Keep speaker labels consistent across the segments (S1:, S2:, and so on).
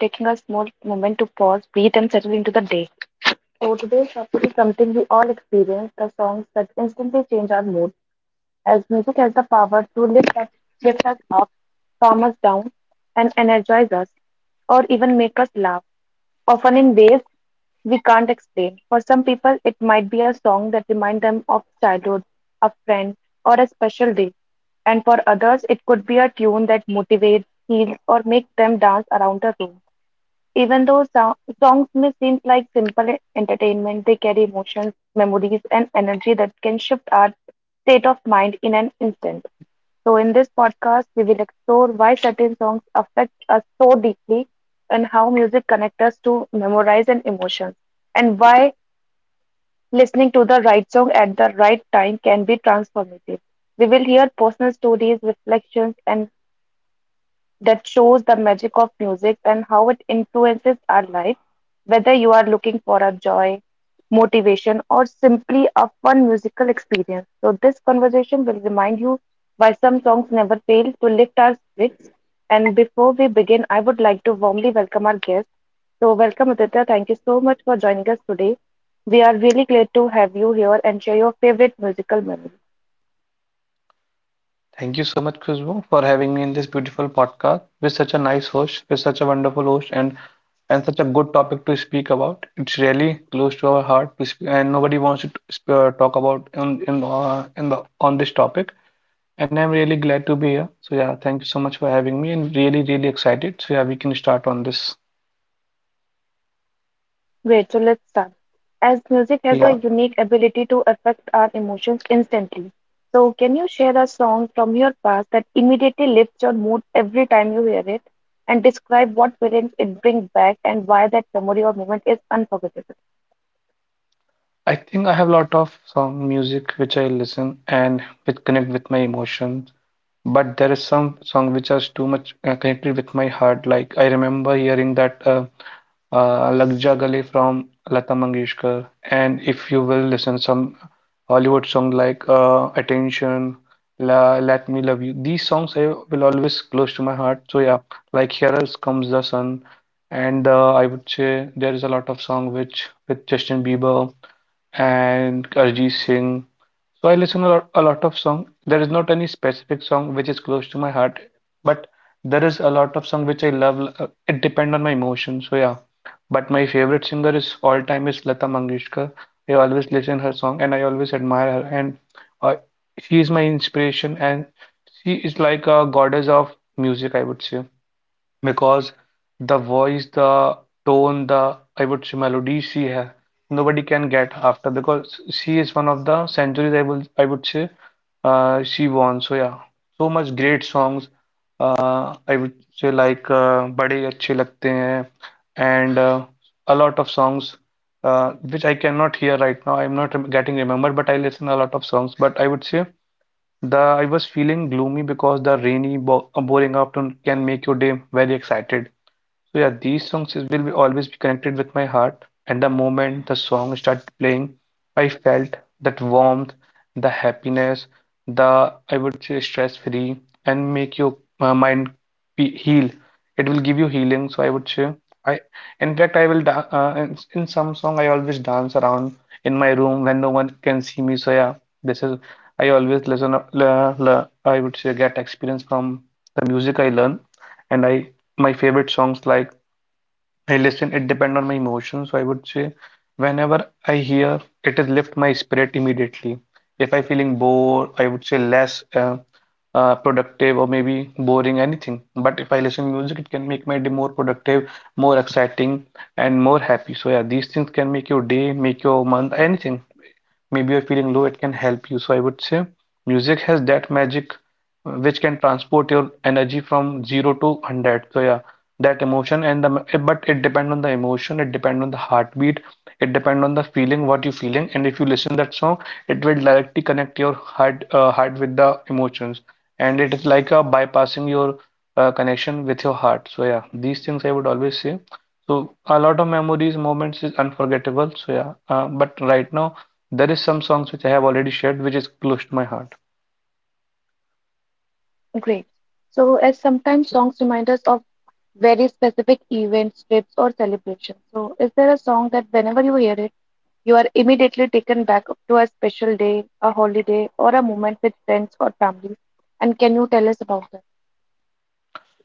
S1: Taking a small moment to pause, breathe, and settle into the day. So today's topic is something we all experience, the songs that instantly change our mood, as music has the power to lift us up, calm us down, and energize us, or even make us laugh, often in ways we can't explain. For some people, it might be a song that reminds them of childhood, a friend, or a special day. And for others, it could be a tune that motivates, heals, or makes them dance around the room. Even though songs may seem like simple entertainment, they carry emotions, memories, and energy that can shift our state of mind in an instant. So, in this podcast, we will explore why certain songs affect us so deeply and how music connects us to memories and emotions, and why listening to the right song at the right time can be transformative. We will hear personal stories, reflections, and that shows the magic of music and how it influences our life, whether you are looking for a joy, motivation, or simply a fun musical experience. So, this conversation will remind you why some songs never fail to lift our spirits. And before we begin, I would like to warmly welcome our guest. So, welcome Aditya. Thank you so much for joining us today. We are really glad to have you here and share your favorite musical memory.
S2: thank you so much, Khushbu, for having me in this beautiful podcast with such a nice host, with such a wonderful host, and such a good topic to speak about. It's really close to our heart to speak, and nobody wants to talk about in the on this topic. And I'm really glad to be here. So yeah, thank you so much for having me, and really excited. So yeah, we can start on this.
S1: Great, so let's start. As music has a
S2: Yeah.
S1: unique ability to affect our emotions instantly, so can you share a song from your past that immediately lifts your mood every time you hear it and describe what feelings it brings back and why that memory or moment is unforgettable?
S2: I think I have a lot of song music which I listen and which connect with my emotions. But there is some song which is too much connected with my heart. Like I remember hearing that Lag Ja Gale from Lata Mangeshkar. And if you will listen some Hollywood song like Attention, La, Let Me Love You. These songs I will always close to my heart. So yeah, like Here Else Comes the Sun. And I would say there is a lot of song which with Justin Bieber and Arijit Singh. So I listen a lot of song. There is not any specific song which is close to my heart, but there is a lot of song which I love. It depend on my emotion. So yeah, but my favorite singer is all time is Lata Mangeshkar. I always listen her song and I always admire her and uh, she is my inspiration and she is like a goddess of music, I would say, because the voice, the tone, the, I would say, melody she has, nobody can get after because she is one of the centuries I would say, she won. So yeah, so much great songs. I would say like बड़े अच्छे लगते हैं and a lot of songs which I cannot hear right now. I'm not rem- getting remembered, but I listen a lot of songs. But I would say the I was feeling gloomy because the rainy, bo boring afternoon can make your day very excited. So yeah, will be always be connected with my heart. And the moment the song started playing, I felt that warmth, the happiness, the, I would say, stress free, and make your mind be heal. It will give you healing. So I would say I, in fact, I will da in some song I always dance around in my room when no one can see me. So yeah, this is I always listen. I would say get experience from the music I learn, and I my favorite songs like I listen, it depend on my emotions. So I would say whenever I hear it is lift my spirit immediately. If I feeling bored, I would say less productive or maybe boring anything. But if I listen music, it can make my day more productive, more exciting, and more happy. So yeah, these things can make your day, make your month, anything. Maybe you're feeling low, it can help you. So I would say music has that magic which can transport your energy from zero to 100. So yeah, that emotion and the, but it depends on the emotion, it depends on the heartbeat, it depends on the feeling what you're feeling. And if you listen that song, it will directly connect your heart, with the emotions, and it is like a bypassing your connection with your heart. So yeah, these things I would always say. So a lot of memories, moments is unforgettable. So yeah, but right now there is some songs which I have already shared which is close to my heart.
S1: Great. So, as sometimes songs remind us of very specific events, trips, or celebrations. So, is there a song that whenever you hear it, you are immediately taken back to a special day, a holiday, or a moment with friends or family? And can you tell us about that?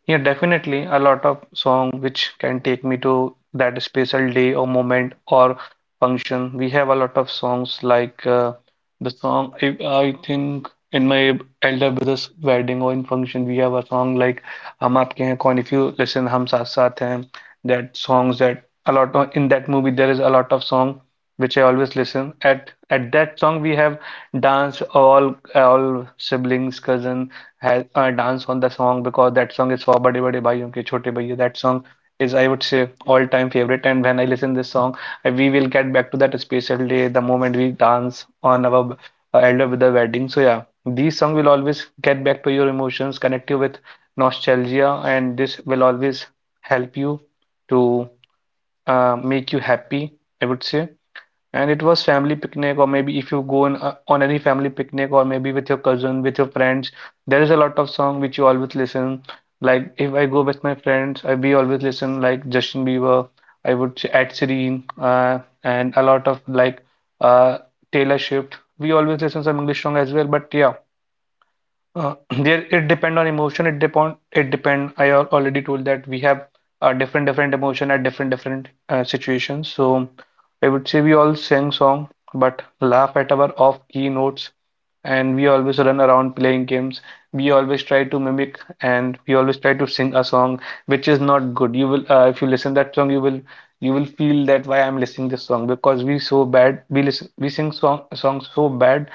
S2: Yeah, definitely a lot of song which can take me to that special day or moment or function. We have a lot of songs like the song I think in my elder brother's wedding or in function we have a song like हम आपके हैं कौन. If you listen हम Saath Saath हैं, that songs that a lot of, in that movie there is a lot of song which I always listen. At that song we have danced, all siblings cousin has dance on the song because that song is for Bade Bade Bhaiyon Ke Chote Bhaiya. That song is, I would say, all-time favorite. And when I listen this song, we will get back to that special day, the moment we dance on our elder with the wedding. So yeah, these song will always get back to your emotions, connect you with nostalgia, and this will always help you to make you happy, I would say. And it was family picnic, or maybe if you go on any family picnic, or maybe with your cousin, with your friends, there is a lot of song which you always listen. Like if I go with my friends, I we always listen like Justin Bieber, I would say Ed Sheeran, and a lot of like uh, Taylor Swift. We always listen some English song as well, but yeah, uh, there it depend on emotion, it depend I already told that we have different different emotion at different different situations. So I would say we all sing song but laugh at our off key notes, and we always run around playing games. We always try to mimic and we always try to sing a song which is not good. You will If you listen that song, you will feel that why I'm listening this song because we so bad. We sing songs so bad,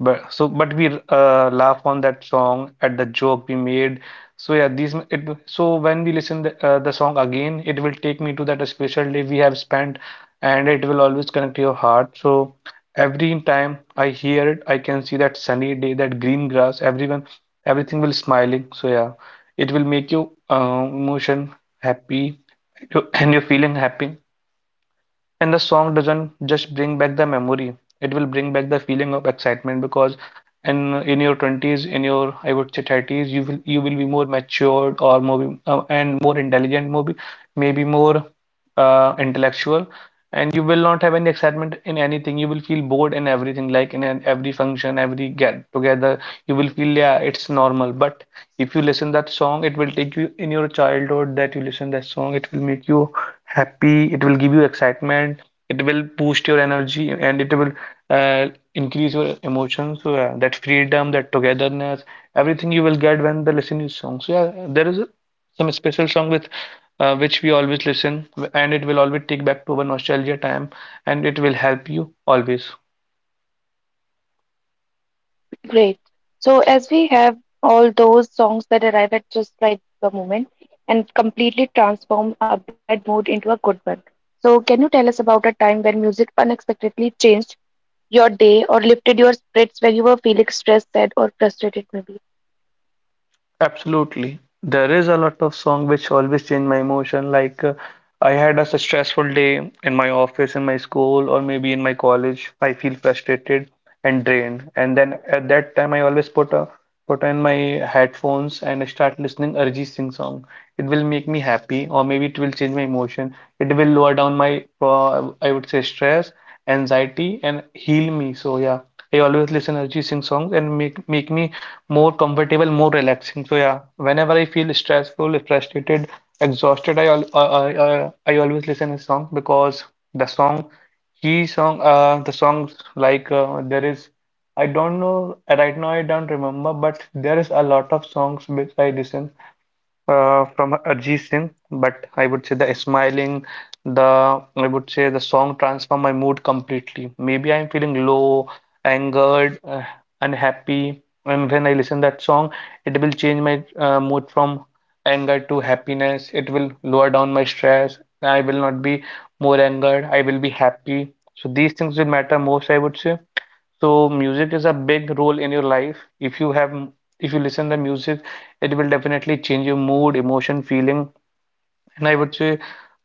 S2: but we laugh on that song at the joke we made. So yeah, these m- it. So when we listen the song again, it will take me to that special day we have spent, and it will always connect to your heart. So every time I hear it, I can see that sunny day, that green grass, everyone, everything will smiling. So yeah, it will make you emotion happy, and you're feeling happy. And the song doesn't just bring back the memory, it will bring back the feeling of excitement because in in your 20s, in your, I would say, 30s, you will be more matured or more and more intelligent, maybe more intellectual, and you will not have any excitement in anything. You will feel bored in everything, like every function, every get together, you will feel yeah, it's normal. But if you listen that song, it will take you in your childhood. That you listen that song, it will make you happy, it will give you excitement, it will boost your energy, and it will uh, increase your emotions. So yeah, that freedom, that togetherness, everything you will get when the listening song. So yeah, there is some special song with which we always listen, and it will always take back to our nostalgia time, and it will help you always.
S1: Great. So, as we have all those songs that arrive at just right the moment and completely transform a bad mood into a good one. So, can you tell us about a time when music unexpectedly changed your day or lifted your spirits when you were feeling stressed, sad, or frustrated, maybe?
S2: Absolutely. There is a lot of song which always change my emotion. Like I had a stressful day in my office, in my school, or maybe in my college. I feel frustrated and drained. And then at that time, I always put on my headphones and I start listening Arijit Singh song. It will make me happy, or maybe it will change my emotion. It will lower down my I would say stress, anxiety, and heal me. So yeah, I always listen Arijit Singh songs and make me more comfortable, more relaxing. So yeah, whenever I feel stressful, frustrated, exhausted, I al I always listen his song because the song the songs like there is, I don't know right now, I don't remember, but there is a lot of songs which I listen from Arijit Singh. But I would say the smiling, the, I would say, the song transform my mood completely. Maybe I'm feeling low, angered, unhappy, and when I listen that song, it will change my mood from anger to happiness. It will lower down my stress. I will not be more angered. I will be happy. So these things will matter most, I would say. So music is a big role in your life. If you listen to music, it will definitely change your mood, emotion, feeling, and I would say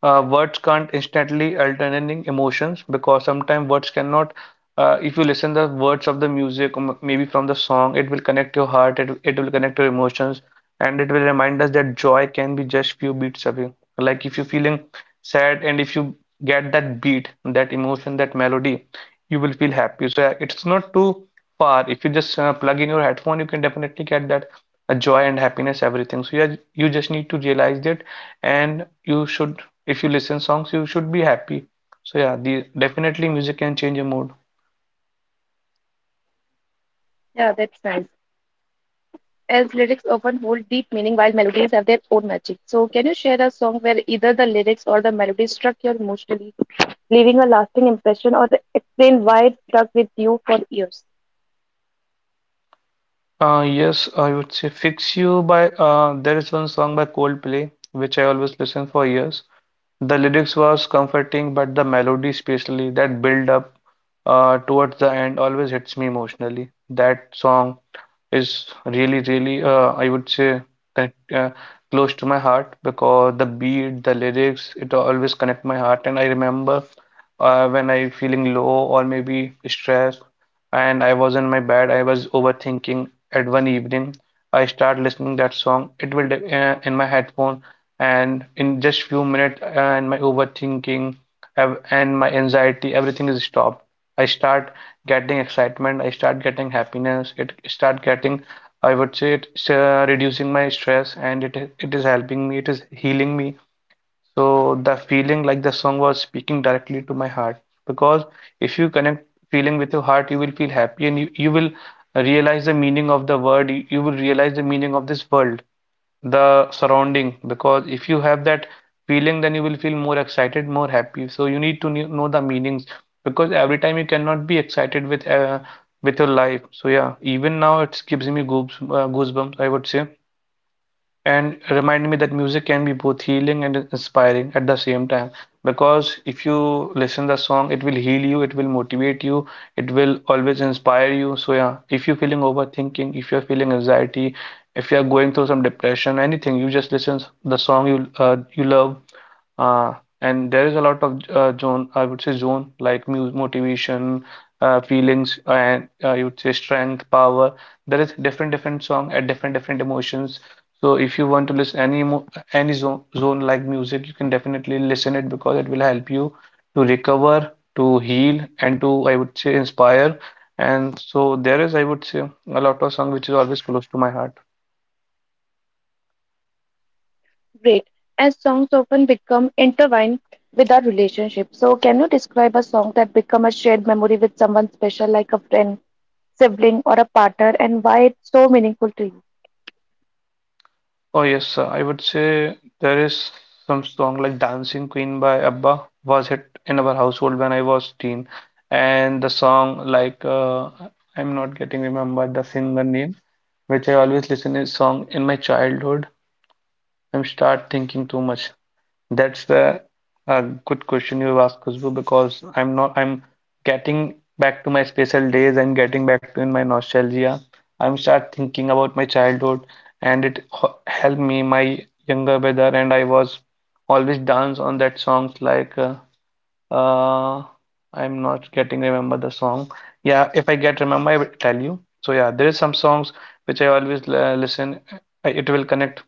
S2: words can't instantly alternating emotions because sometimes words cannot. If you listen the words of the music, maybe from the song, it will connect your heart. It will connect your emotions, and it will remind us that joy can be just few beats away. Like if you're feeling sad, and if you get that beat, that emotion, that melody, you will feel happy. So yeah, it's not too far. If you just plug in your headphone, you can definitely get that joy and happiness, everything. So yeah, you just need to realize that, and you should, if you listen songs you should be happy. So yeah, the definitely music can change your mood.
S1: Yeah, that's nice. As lyrics often hold deep meaning while melodies have their own magic. So, can you share a song where either the lyrics or the melody struck you emotionally, leaving a lasting impression, or explain why it stuck with you for years?
S2: Yes, I would say Fix You by there is one song by Coldplay which I always listen for years. The lyrics was comforting, but the melody, especially that build up towards the end, always hits me emotionally. That song is really, really, I would say, connect, close to my heart because the beat, the lyrics, it always connect my heart. And I remember when I feeling low or maybe stressed, and I was in my bed, I was overthinking. At one evening, I start listening that song. It will, in my headphone, and in just few minutes, and my overthinking and my anxiety everything is stopped. I start getting excitement, I start getting happiness, it start getting, I would say, it's, reducing my stress, and it is helping me, it is healing me. So the feeling like the song was speaking directly to my heart, because if you connect feeling with your heart, you will feel happy, and you will realize the meaning of the word, you will realize the meaning of this world, the surrounding. Because if you have that feeling, then you will feel more excited, more happy. So you need to know the meanings, because every time you cannot be excited with, with your life. So yeah, even now it gives me goosebumps, I would say, and remind me that music can be both healing and inspiring at the same time, because if you listen the song, it will heal you, it will motivate you, it will always inspire you. So yeah, if you're feeling overthinking, if you're feeling anxiety, if you're going through some depression, anything, you just listen the song you, you love, uh, and there is a lot of, zone, I would say, zone like mu motivation, feelings, and you would say strength, power. There is different different song at different different emotions. So if you want to listen any mo any zone like music, you can definitely listen it, because it will help you to recover, to heal, and to, I would say, inspire. And so there is, I would say, a lot of song which is always close to my heart.
S1: Great. As songs often become intertwined with our relationship. So, can you describe a song that become a shared memory with someone special, like a friend, sibling, or a partner, and why it's so meaningful to you?
S2: Oh yes, I would say there is some song like Dancing Queen by ABBA was hit in our household when I was teen, and the song like, I'm not getting remembered the singer name, which I always listen is song in my childhood. I start thinking too much. That's the a good question you asked, Khushbu, because I'm not I'm getting back to my special days. I'm getting back to in my nostalgia. I'm start thinking about my childhood, and it helped me my younger brother. And I was always dance on that songs like uh, I'm not getting remember the song. Yeah, if I get remember, I will tell you. So yeah, there is some songs which I always, listen. I, it will connect,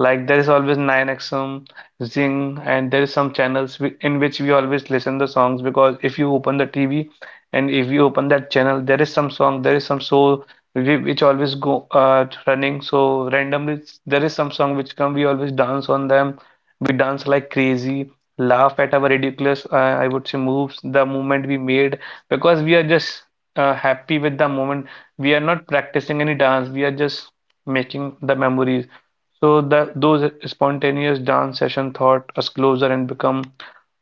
S2: like there is always 9XM, Zing, and there is some channels in which we always listen the songs, because if you open the TV and if you open that channel, there is some song, there is some show which always go running. So randomly, there is some song which come. We always dance on them. We dance like crazy, laugh at our ridiculous, I would say, moves, the movement we made, because we are just happy with the moment. We are not practicing any dance. We are just making the memories. So that those spontaneous dance session thought us closer and become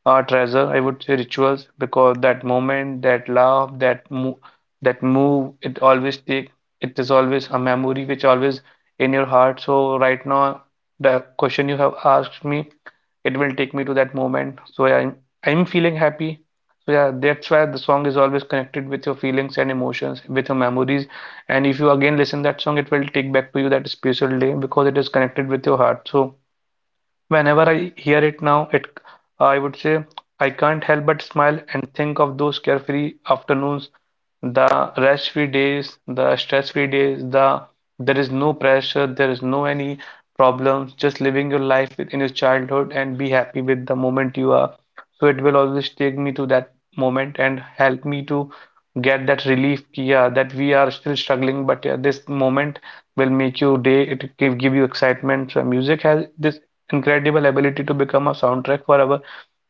S2: our treasure, I would say, rituals, because that moment, that laugh, that move, it always take, it is always a memory which always in your heart. So right now, the question you have asked me, it will take me to that moment. So yeah, I'm feeling happy. So yeah, that's why the song is always connected with your feelings and emotions, with your memories, and if you again listen that song, it will take back to you that special day, because it is connected with your heart. So whenever I hear it now, it, I would say, I can't help but smile and think of those carefree afternoons, the rest-free days, the stress-free days, the there is no pressure, there is no any problems, just living your life within your childhood and be happy with the moment you are. So it will always take me to that moment and help me to get that relief, yeah, that we are still struggling, but yeah, this moment will make you day, it give you excitement. So music has this incredible ability to become a soundtrack for our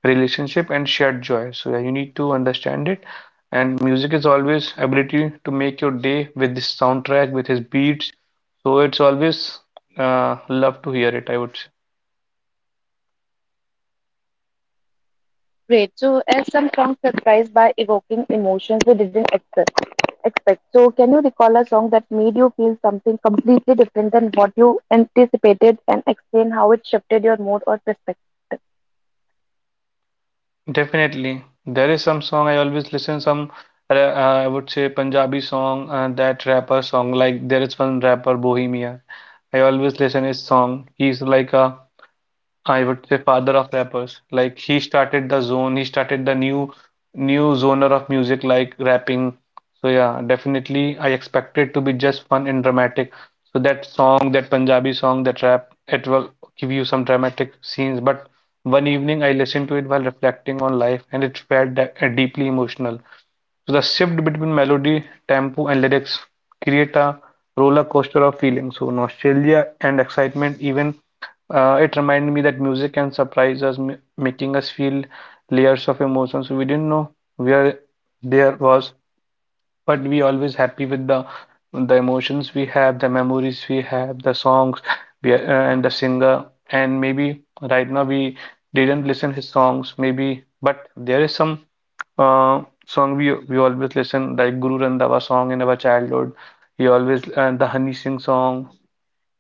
S2: relationship and shared joy. So yeah, you need to understand it. And music is always ability to make your day with this soundtrack, with his beats. So it's always love to hear it, I would say.
S1: Great. So, as some songs surprise by evoking emotions we didn't expect. So, can you recall a song that made you feel something completely different than what you anticipated, and explain how it shifted your mood or perspective?
S2: Definitely. There is some song I always listen, some I would say Punjabi song, that rapper song. Like there is one rapper, Bohemia. I always listen his song. He's like a, I would say, father of rappers. Like he started the zone, he started the new genre of music like rapping. So yeah, definitely I expect it to be just fun and dramatic. So that song, that Punjabi song, that rap, it will give you some dramatic scenes. But one evening I listened to it while reflecting on life, and it felt that, deeply emotional. So the shift between melody, tempo, and lyrics create a roller coaster of feelings. So nostalgia and excitement. Even, it reminded me that music can surprise us, making us feel layers of emotions, so we didn't know where there was, but we always happy with the emotions we have, the memories we have, the songs we are, and the singer. And maybe right now we didn't listen his songs, maybe, but there is some song we always listen, like Guru Randhawa song in our childhood. He always, and the Honey Singh song,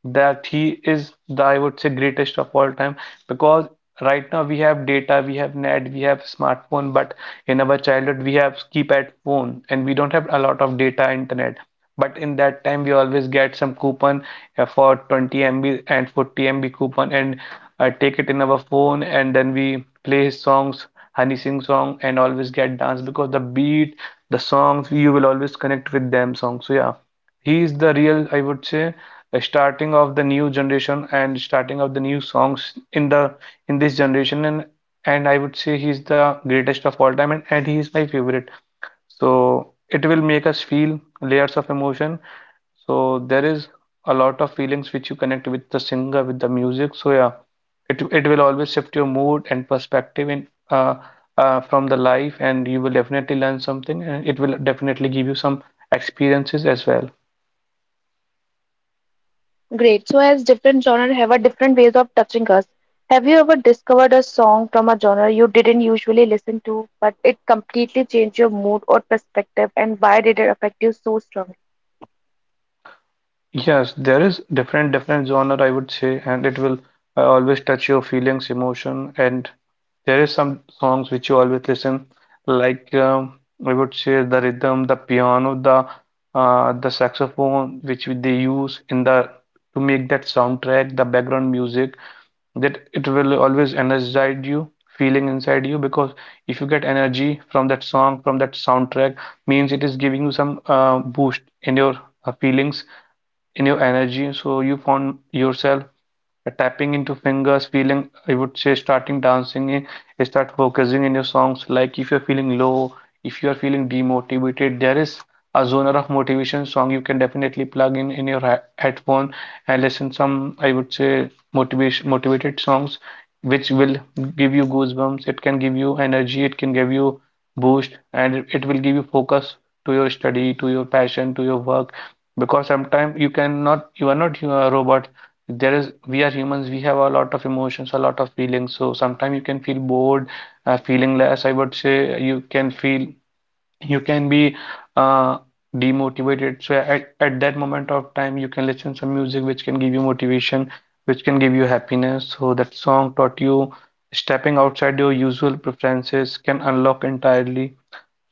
S2: that he is the, I would say, greatest of all time, because right now we have data, we have net, we have smartphone, but in our childhood we have keypad phone and we don't have a lot of data internet. But in that time we always get some coupon, for 20 MB and 40 MB coupon and take it in our phone, and then we play his songs, Honey Singh song, and always get dance, because the beat, the songs you will always connect with them songs. So yeah. He is the real, I would say, a starting of the new generation and starting of the new songs in the in this generation, and I would say he's the greatest of all time, and he is my favorite. So it will make us feel layers of emotion. So there is a lot of feelings which you connect with the singer, with the music. So yeah, it will always shift your mood and perspective in, from the life, and you will definitely learn something, and it will definitely give you some experiences as well.
S1: Great. So, as different genres have a different ways of touching us, have you ever discovered a song from a genre you didn't usually listen to, but it completely changed your mood or perspective, and why did it affect you so strongly?
S2: Yes, there is different genre I would say, and it will always touch your feelings, emotion, and there is some songs which you always listen, like I would say the rhythm, the piano, the saxophone which they use in the to make that soundtrack, the background music that it will always energize you feeling inside you because if you get energy from that song from that soundtrack means it is giving you some boost in your feelings in your energy, so you found yourself tapping into fingers feeling, I would say starting dancing, start focusing in your songs. Like if you're feeling low, if you are feeling demotivated, there is a genre of motivation song you can definitely plug in your headphone and listen some, I would say, motivation motivated songs which will give you goosebumps, it can give you energy, it can give you boost, and it will give you focus to your study, to your passion, to your work. Because sometimes you cannot, you are not a robot. There is, we are humans, we have a lot of emotions, a lot of feelings, so sometimes you can feel bored, feeling less, I would say, you can feel, you can be uh, demotivated. So at that moment of time you can listen some music which can give you motivation, which can give you happiness. So that song taught you stepping outside your usual preferences can unlock entirely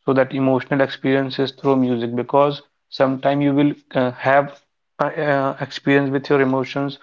S2: so that emotional experiences through music. Because sometime you will have experience with your emotions.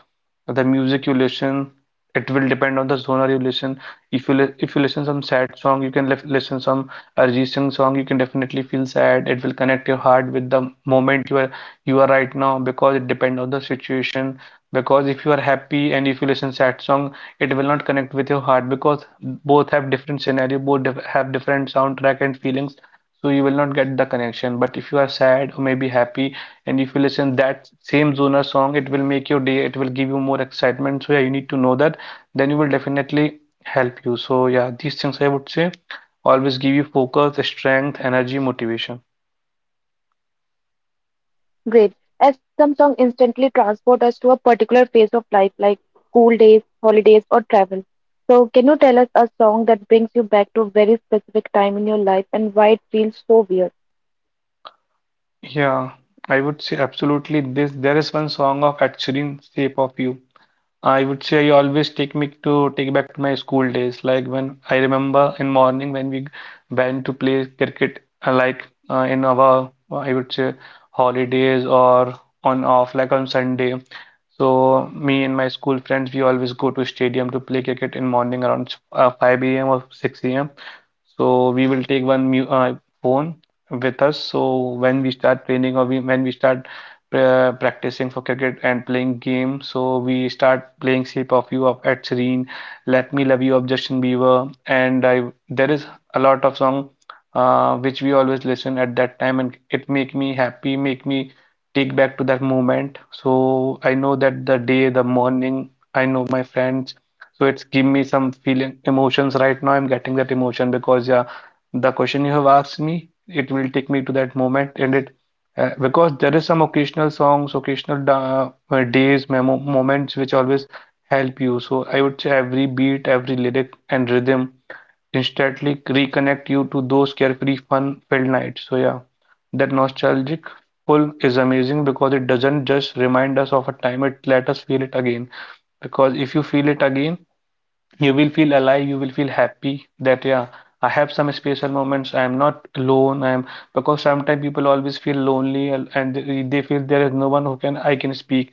S2: The music you listen, it will depend on the genre you listen. If if you listen some sad song, you can listen some Arjit Singh song, you can definitely feel sad. It will connect your heart with the moment you are, you are right now, because it depends on the situation. Because if you are happy and if you listen sad song, it will not connect with your heart, because both have different scenario, both have different soundtrack and feelings. So you will not get the connection. But if you are sad or maybe happy and if you listen that same Zona song, it will make your day, it will give you more excitement. So yeah, you need to know that, then you will definitely help you. So yeah, these things, I would say, always give you focus, strength, energy, motivation.
S1: Great. As some song instantly transport us to a particular phase of life, like school days, holidays, or travel. So, can you tell us a song that brings you back to a very specific time in your life and why it feels so weird?
S2: Yeah, I would say absolutely this, there is one song of Ed Sheeran, Shape of You. I would say you always take me to take back to my school days. Like when I remember in morning when we went to play cricket, like in our, I would say, holidays or on off like on Sunday. So me and my school friends, we always go to stadium to play cricket in morning around 5 a.m. or 6 a.m. So we will take one mu phone with us. So when we start training, or when we start practicing for cricket and playing games, so we start playing Shape of You of Ed Sheeran, Let Me Love You of Justin Bieber, and I, there is a lot of song which we always listen at that time, and it make me happy, make me take back to that moment. So I know that the day, the morning, I know my friends. So it's give me some feeling emotions right now. I'm getting that emotion because yeah, the question you have asked me, it will take me to that moment, and it because there is some occasional songs, occasional da days, memo moments which always help you. So I would say every beat, every lyric and rhythm instantly reconnect you to those carefree, fun-filled nights. So yeah, that nostalgic pull is amazing because it doesn't just remind us of a time, it let us feel it again. Because if you feel it again, you will feel alive, you will feel happy that yeah, I have some special moments. I am not alone. I am, because sometimes people always feel lonely and they feel there is no one who, can I can speak.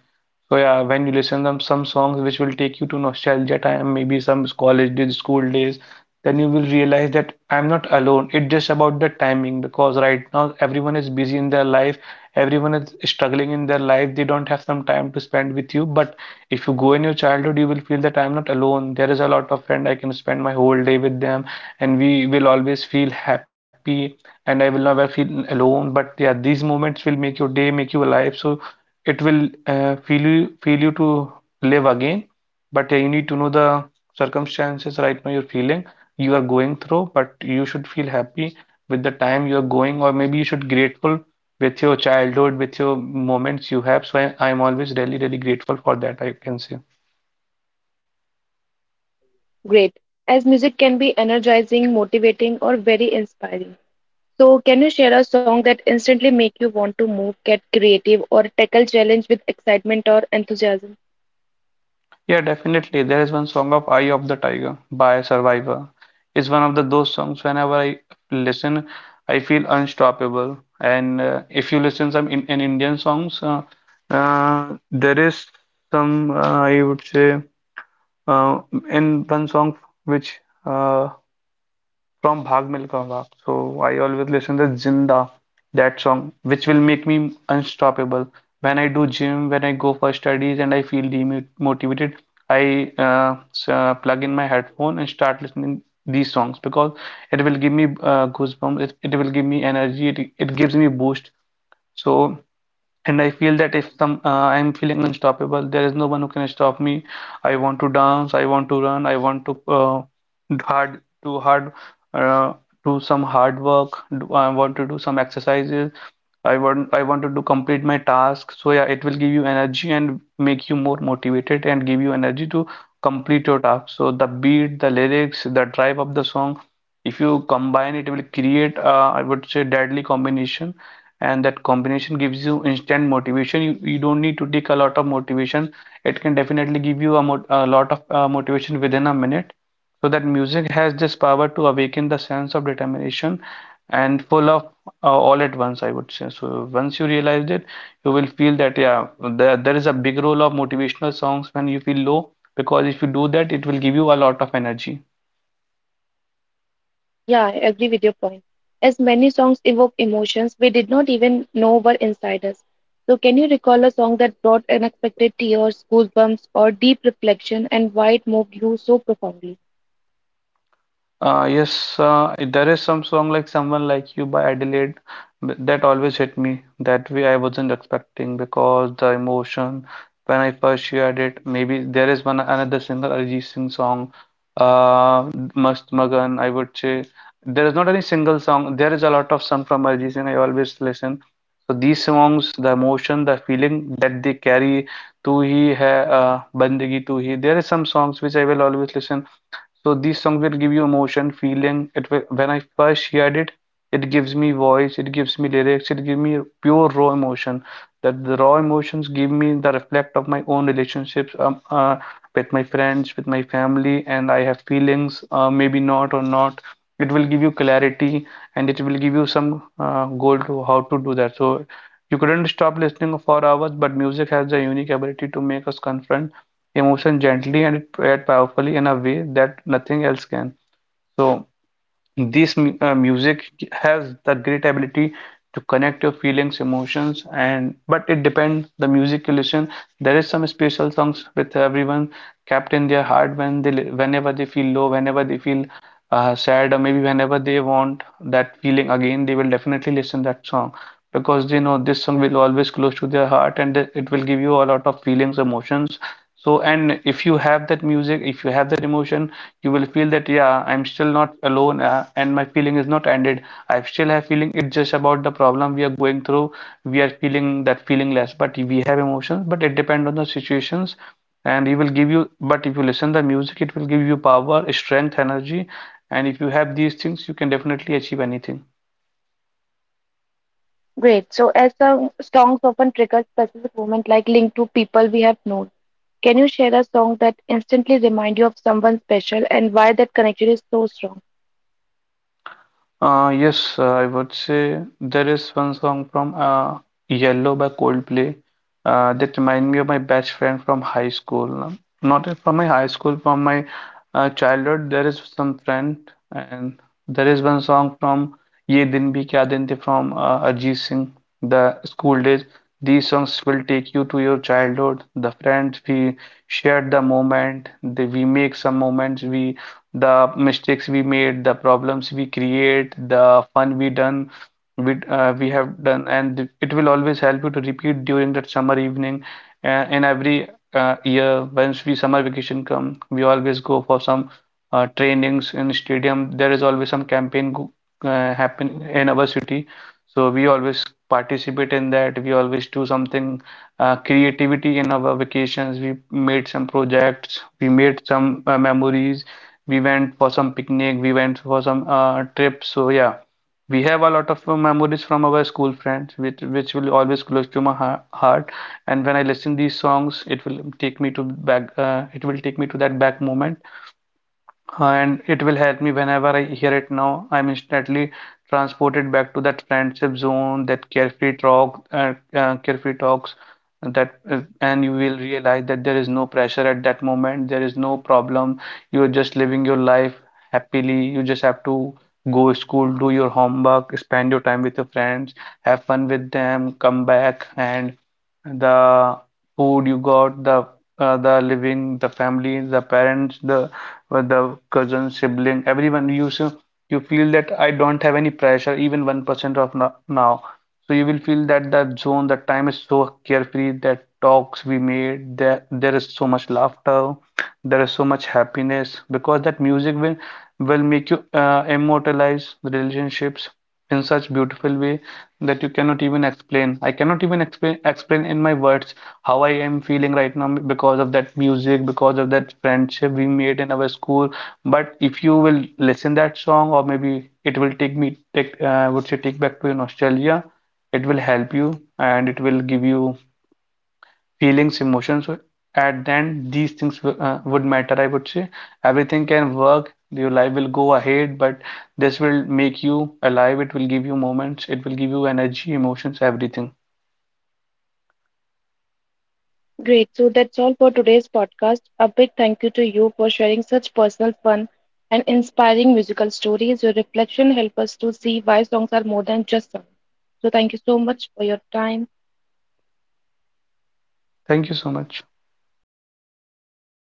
S2: So yeah, when you listen them some songs which will take you to nostalgia time, maybe some college days, school days, then you will realize that I'm not alone. It's just about the timing, because right now everyone is busy in their life, everyone is struggling in their life. They don't have some time to spend with you. But if you go in your childhood, you will feel that I'm not alone. There is a lot of friend, I can spend my whole day with them, and we will always feel happy. And I will never feel alone. But yeah, these moments will make your day, make you alive. So it will feel you, feel you to live again. But you need to know the circumstances right now you're feeling, you are going through, but you should feel happy with the time you're going, or maybe you should grateful with your childhood, with your moments you have. So I'm always really really grateful for that, I can say.
S1: Great. As music can be energizing, motivating, or very inspiring. So, can you share a song that instantly make you want to move, get creative, or tackle challenge with excitement or enthusiasm?
S2: Yeah, definitely. There is one song of Eye of the Tiger by Survivor. It's one of the those songs whenever I listen, I feel unstoppable. And if you listen some in Indian songs, there is some I would say uh, in one song which uh, from Bhag Milka Vaag. So I always listen to Zinda, that song, which will make me unstoppable. When I do gym, when I go for studies and I feel demotivated, I plug in my headphone and start listening these songs, because it will give me goosebumps, it will give me energy, it gives me boost. So, and I feel that if some I'm feeling unstoppable, there is no one who can stop me. I want to dance, I want to run, I want to hard uh, do some hard work. I want to do some exercises. I wanted to complete my task. So yeah, it will give you energy and make you more motivated and give you energy to complete your task. So the beat, the lyrics, the drive of the song, if you combine it, will create I would say deadly combination, and that combination gives you instant motivation. You don't need to take a lot of motivation, it can definitely give you a lot of motivation within a minute. So that music has this power to awaken the sense of determination and full of all at once, I would say. So once you realize it, you will feel that yeah, there is a big role of motivational songs when you feel low, because if you do that, it will give you a lot of energy.
S1: Yeah, I agree with your point. As many songs evoke emotions we did not even know were inside us. So, can you recall a song that brought unexpected tears, goosebumps, or deep reflection, and why it moved you so profoundly?
S2: Yes, there is some song like Someone Like You by Adelaide that always hit me that way I wasn't expecting because the emotion when I first heard it. Maybe there is one another singer Arijit Singh song, uh, Mast Magan. I would say there is not any single song. There is a lot of song from Arijit Singh I always listen. So these songs, the emotion, the feeling that they carry, "Tu Hi Hai," "Bandagi Tu Hi." There is some songs which I will always listen. So these songs will give you emotion, feeling. It will, when I first heard it, it gives me voice, it gives me lyrics, it gives me pure raw emotion. That the raw emotions give me the reflect of my own relationships, with my friends, with my family, and I have feelings, maybe not or not. It will give you clarity, and it will give you some goal to how to do that. So you couldn't stop listening for hours, but music has the unique ability to make us confront emotion gently and yet powerfully in a way that nothing else can. So this music has the great ability to connect your feelings, emotions, and but it depends the music you listen. There is some special songs with everyone kept in their heart when whenever they feel low, whenever they feel sad, or maybe whenever they want that feeling again, they will definitely listen that song, because they know this song will always close to their heart, and that it will give you a lot of feelings emotions. So and if you have that music, if you have that emotion, you will feel that yeah, I'm still not alone, and my feeling is not ended. I still have feeling, it's just about the problem we are going through, we are feeling that feeling less, but we have emotions, but it depends on the situations. And it will give you, but if you listen the music, it will give you power, strength, energy. And if you have these things, you can definitely achieve anything.
S1: Great. So, as some songs often trigger specific moments, like linked to people we have known, can you share a song that instantly remind you of someone special, and why that connection is so strong?
S2: Yes, I would say there is one song from Yellow by Coldplay. That remind me of my best friend from high school. Not from my high school, from my childhood. There is some friend, and there is one song from Ye Din Bhi Kya Din The from Arjit Singh, the school days. These songs will take you to your childhood. The friends we shared the moment, we make some moments, we the mistakes we made, the problems we create, the fun we done, we have done, and it will always help you to repeat during that summer evening. And every year, once we summer vacation come, we always go for some trainings in stadium. There is always some campaign go, happen in our city. So we always participate in that, we always do something creativity in our vacations. We made some projects, we made some memories, we went for some picnic, we went for some trip. So yeah, we have a lot of memories from our school friends, which will always close to my heart. And when I listen these songs, it will take me to back. It will take me to that back moment, and it will help me whenever I hear it now. I'm instantly transported back to that friendship zone, that carefree talk, carefree talks, that and you will realize that there is no pressure at that moment. There is no problem. You are just living your life happily. You just have to go to school, do your homework, spend your time with your friends, have fun with them, come back, and the food you got, the living, the family, the parents, the with the cousin, sibling, everyone. You so you feel that I don't have any pressure, even 1% of now. So you will feel that that zone, that time is so carefree, that talks we made, that there is so much laughter, there is so much happiness, because that music will make you immortalize relationships in such beautiful way that you cannot even explain. I cannot even explain in my words how I am feeling right now because of that music, because of that friendship we made in our school. But if you will listen that song, or maybe it will take me take would say take back to your nostalgia. It will help you and it will give you feelings, emotions. So at the end, these things would matter. I would say everything can work, your life will go ahead, but this will make you alive. It will give you moments, it will give you energy, emotions, everything.
S1: Great. So that's all for today's podcast. A big thank you to you for sharing such personal, fun, and inspiring musical stories. Your reflection help us to see why songs are more than just songs. So thank you so much for your time.
S2: Thank you so much.